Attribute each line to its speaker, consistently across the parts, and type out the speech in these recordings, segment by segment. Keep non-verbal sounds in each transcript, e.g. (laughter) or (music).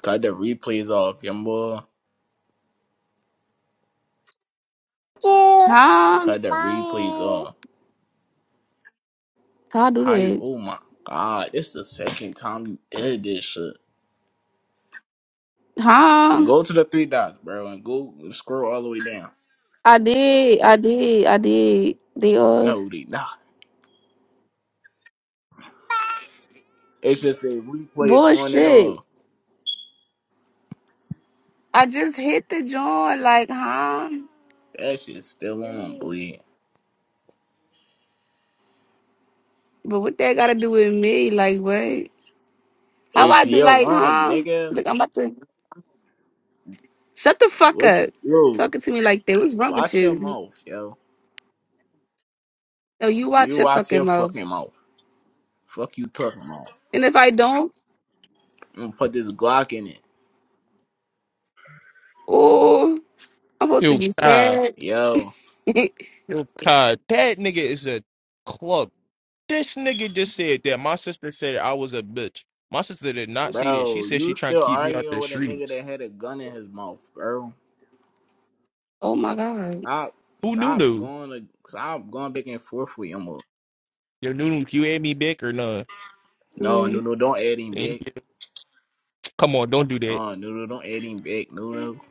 Speaker 1: Cut the replays off, young boy.
Speaker 2: Huh?
Speaker 1: Cut the replays off.
Speaker 2: How do
Speaker 1: How you?
Speaker 2: that?
Speaker 1: Oh my god, It's the second time you did this shit. And
Speaker 2: Huh?
Speaker 1: go to the three dots, bro, and go scroll all the way down.
Speaker 2: I did. I did. I did. They are
Speaker 1: No, they not. It's just a replays on and on.
Speaker 2: bullshit. I just hit the joint, like, huh?
Speaker 1: That shit's still on, bleed.
Speaker 2: But what that got to do with me? Like, what? How
Speaker 1: It's
Speaker 2: I do,
Speaker 1: your
Speaker 2: like,
Speaker 1: room,
Speaker 2: huh?
Speaker 1: nigga.
Speaker 2: Look, I'm about to shut the
Speaker 1: Like,
Speaker 2: fuck
Speaker 1: What you
Speaker 2: up.
Speaker 1: yo?
Speaker 2: Talking to me like that. What's wrong with
Speaker 1: Watch your
Speaker 2: you?
Speaker 1: mouth, yo.
Speaker 2: No, you watch
Speaker 1: You
Speaker 2: your
Speaker 1: watch
Speaker 2: fucking
Speaker 1: your
Speaker 2: mouth.
Speaker 1: fucking mouth. Fuck you talking about.
Speaker 2: And if I don't,
Speaker 1: I'm gonna put this Glock in it,
Speaker 2: oh, I'm supposed to
Speaker 3: Yo,
Speaker 2: be
Speaker 3: Kai,
Speaker 2: scared.
Speaker 1: yo.
Speaker 2: (laughs)
Speaker 3: yo, Kai, that nigga is a club. This nigga just said that my sister said I was a bitch. My sister did not say that. She
Speaker 1: Bro,
Speaker 3: said
Speaker 1: you
Speaker 3: she trying to
Speaker 1: still
Speaker 3: keep me out
Speaker 1: arguing
Speaker 3: the
Speaker 1: with a nigga
Speaker 3: streets.
Speaker 1: that had a gun in his mouth, bro.
Speaker 2: oh my god.
Speaker 1: Stop
Speaker 3: Who knew?
Speaker 1: stop
Speaker 3: knew?
Speaker 1: going to stop going back and forth with him.
Speaker 3: Yo, knew knew, you had me back or not?
Speaker 1: No,
Speaker 2: Yeah.
Speaker 1: no, no, don't add him back.
Speaker 3: Come on, don't do that.
Speaker 1: No, no, no, don't add him back. No, no.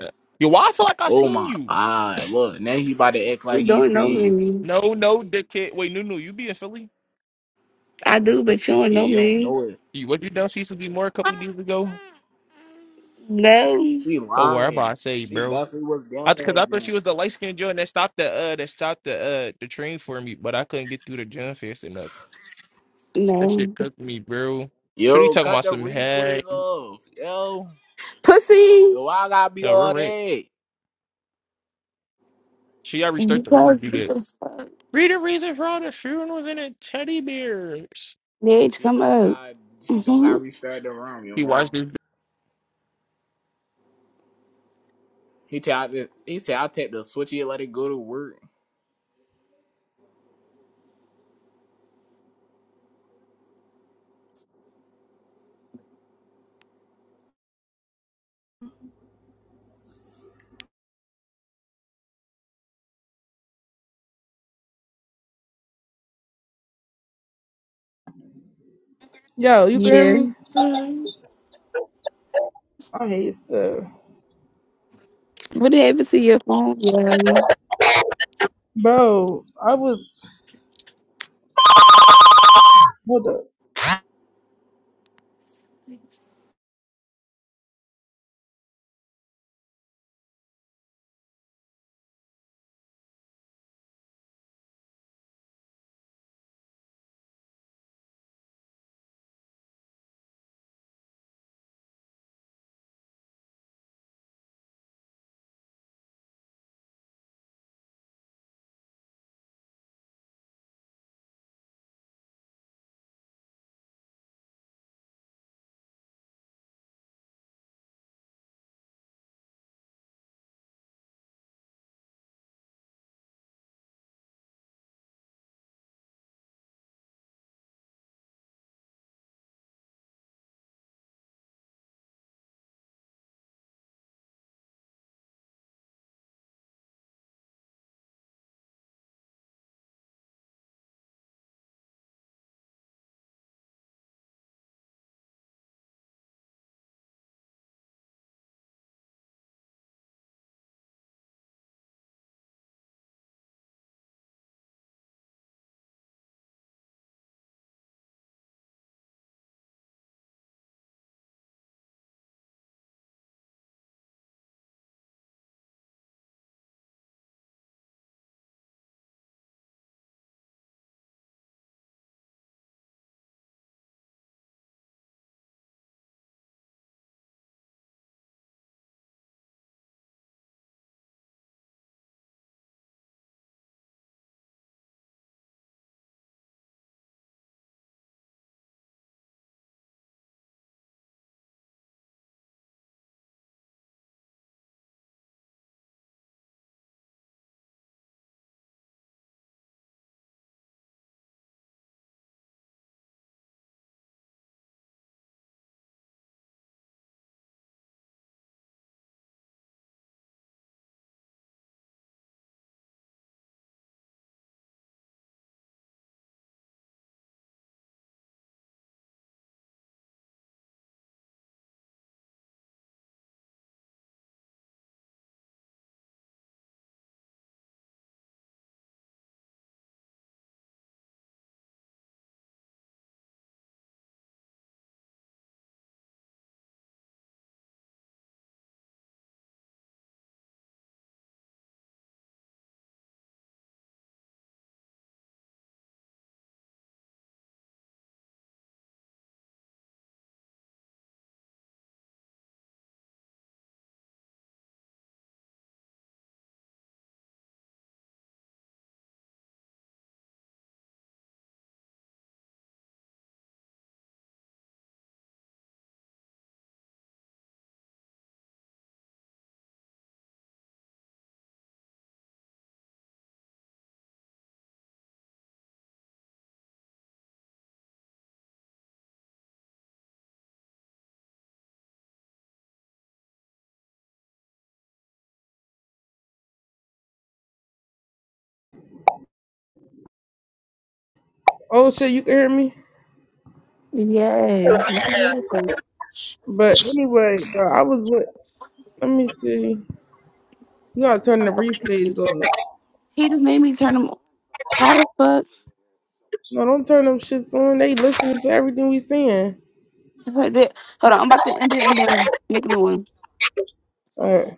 Speaker 3: Uh, Yo, why I feel like I
Speaker 1: Oh
Speaker 3: seen
Speaker 1: my
Speaker 3: you?
Speaker 1: god, look, now he about to act
Speaker 2: You
Speaker 1: like he
Speaker 2: don't know
Speaker 1: seen you.
Speaker 2: me.
Speaker 3: No, no, dickhead. Wait, no, no, you be in Philly?
Speaker 2: I do, but you don't
Speaker 1: Yeah,
Speaker 2: know
Speaker 1: you don't
Speaker 2: me.
Speaker 1: know it.
Speaker 3: You what you done see Suzy Moore a couple days ago?
Speaker 2: No.
Speaker 1: She
Speaker 3: Oh, where about
Speaker 1: lying.
Speaker 3: I say,
Speaker 1: She
Speaker 3: bro?
Speaker 1: definitely was
Speaker 3: I
Speaker 1: down
Speaker 3: because
Speaker 1: there
Speaker 3: I thought
Speaker 1: gym.
Speaker 3: she was the light skinned joint that stopped the uh that stopped the uh the train for me, but I couldn't get through the gym fast enough. That shit
Speaker 2: No.
Speaker 3: cooked me, bro. Should he
Speaker 1: Yo,
Speaker 3: talking
Speaker 1: cut
Speaker 3: about
Speaker 1: the
Speaker 3: some hey?
Speaker 1: replays off. Yo.
Speaker 2: Pussy.
Speaker 1: Yo, why I gotta be
Speaker 3: No, we're
Speaker 1: all
Speaker 3: right.
Speaker 1: that?
Speaker 3: She already started the room to
Speaker 2: Because
Speaker 3: do
Speaker 2: what
Speaker 3: that.
Speaker 2: the fuck?
Speaker 3: Read the reason for all the funerals and the teddy bears.
Speaker 2: Nage,
Speaker 1: She
Speaker 2: come
Speaker 1: don't
Speaker 2: up.
Speaker 1: got she don't
Speaker 2: hmm
Speaker 1: got restart the room, you
Speaker 3: He
Speaker 1: know.
Speaker 3: watched this.
Speaker 1: He tell I, he said I take the switchy and let it go to work.
Speaker 4: Yo, you can hear
Speaker 2: Yeah.
Speaker 4: me? I hate stuff.
Speaker 2: What happened to your phone? Yeah.
Speaker 4: Bro, I was hold up. Oh shit, you can hear me?
Speaker 2: Yes.
Speaker 4: But anyway, bro, I was with let me see. You gotta turn the replays on.
Speaker 2: He just made me turn him on. How the fuck?
Speaker 4: No, don't turn them shits on. They listening to everything we saying.
Speaker 2: Hold on, I'm about to end it and then make a new
Speaker 4: All
Speaker 2: one.
Speaker 4: right.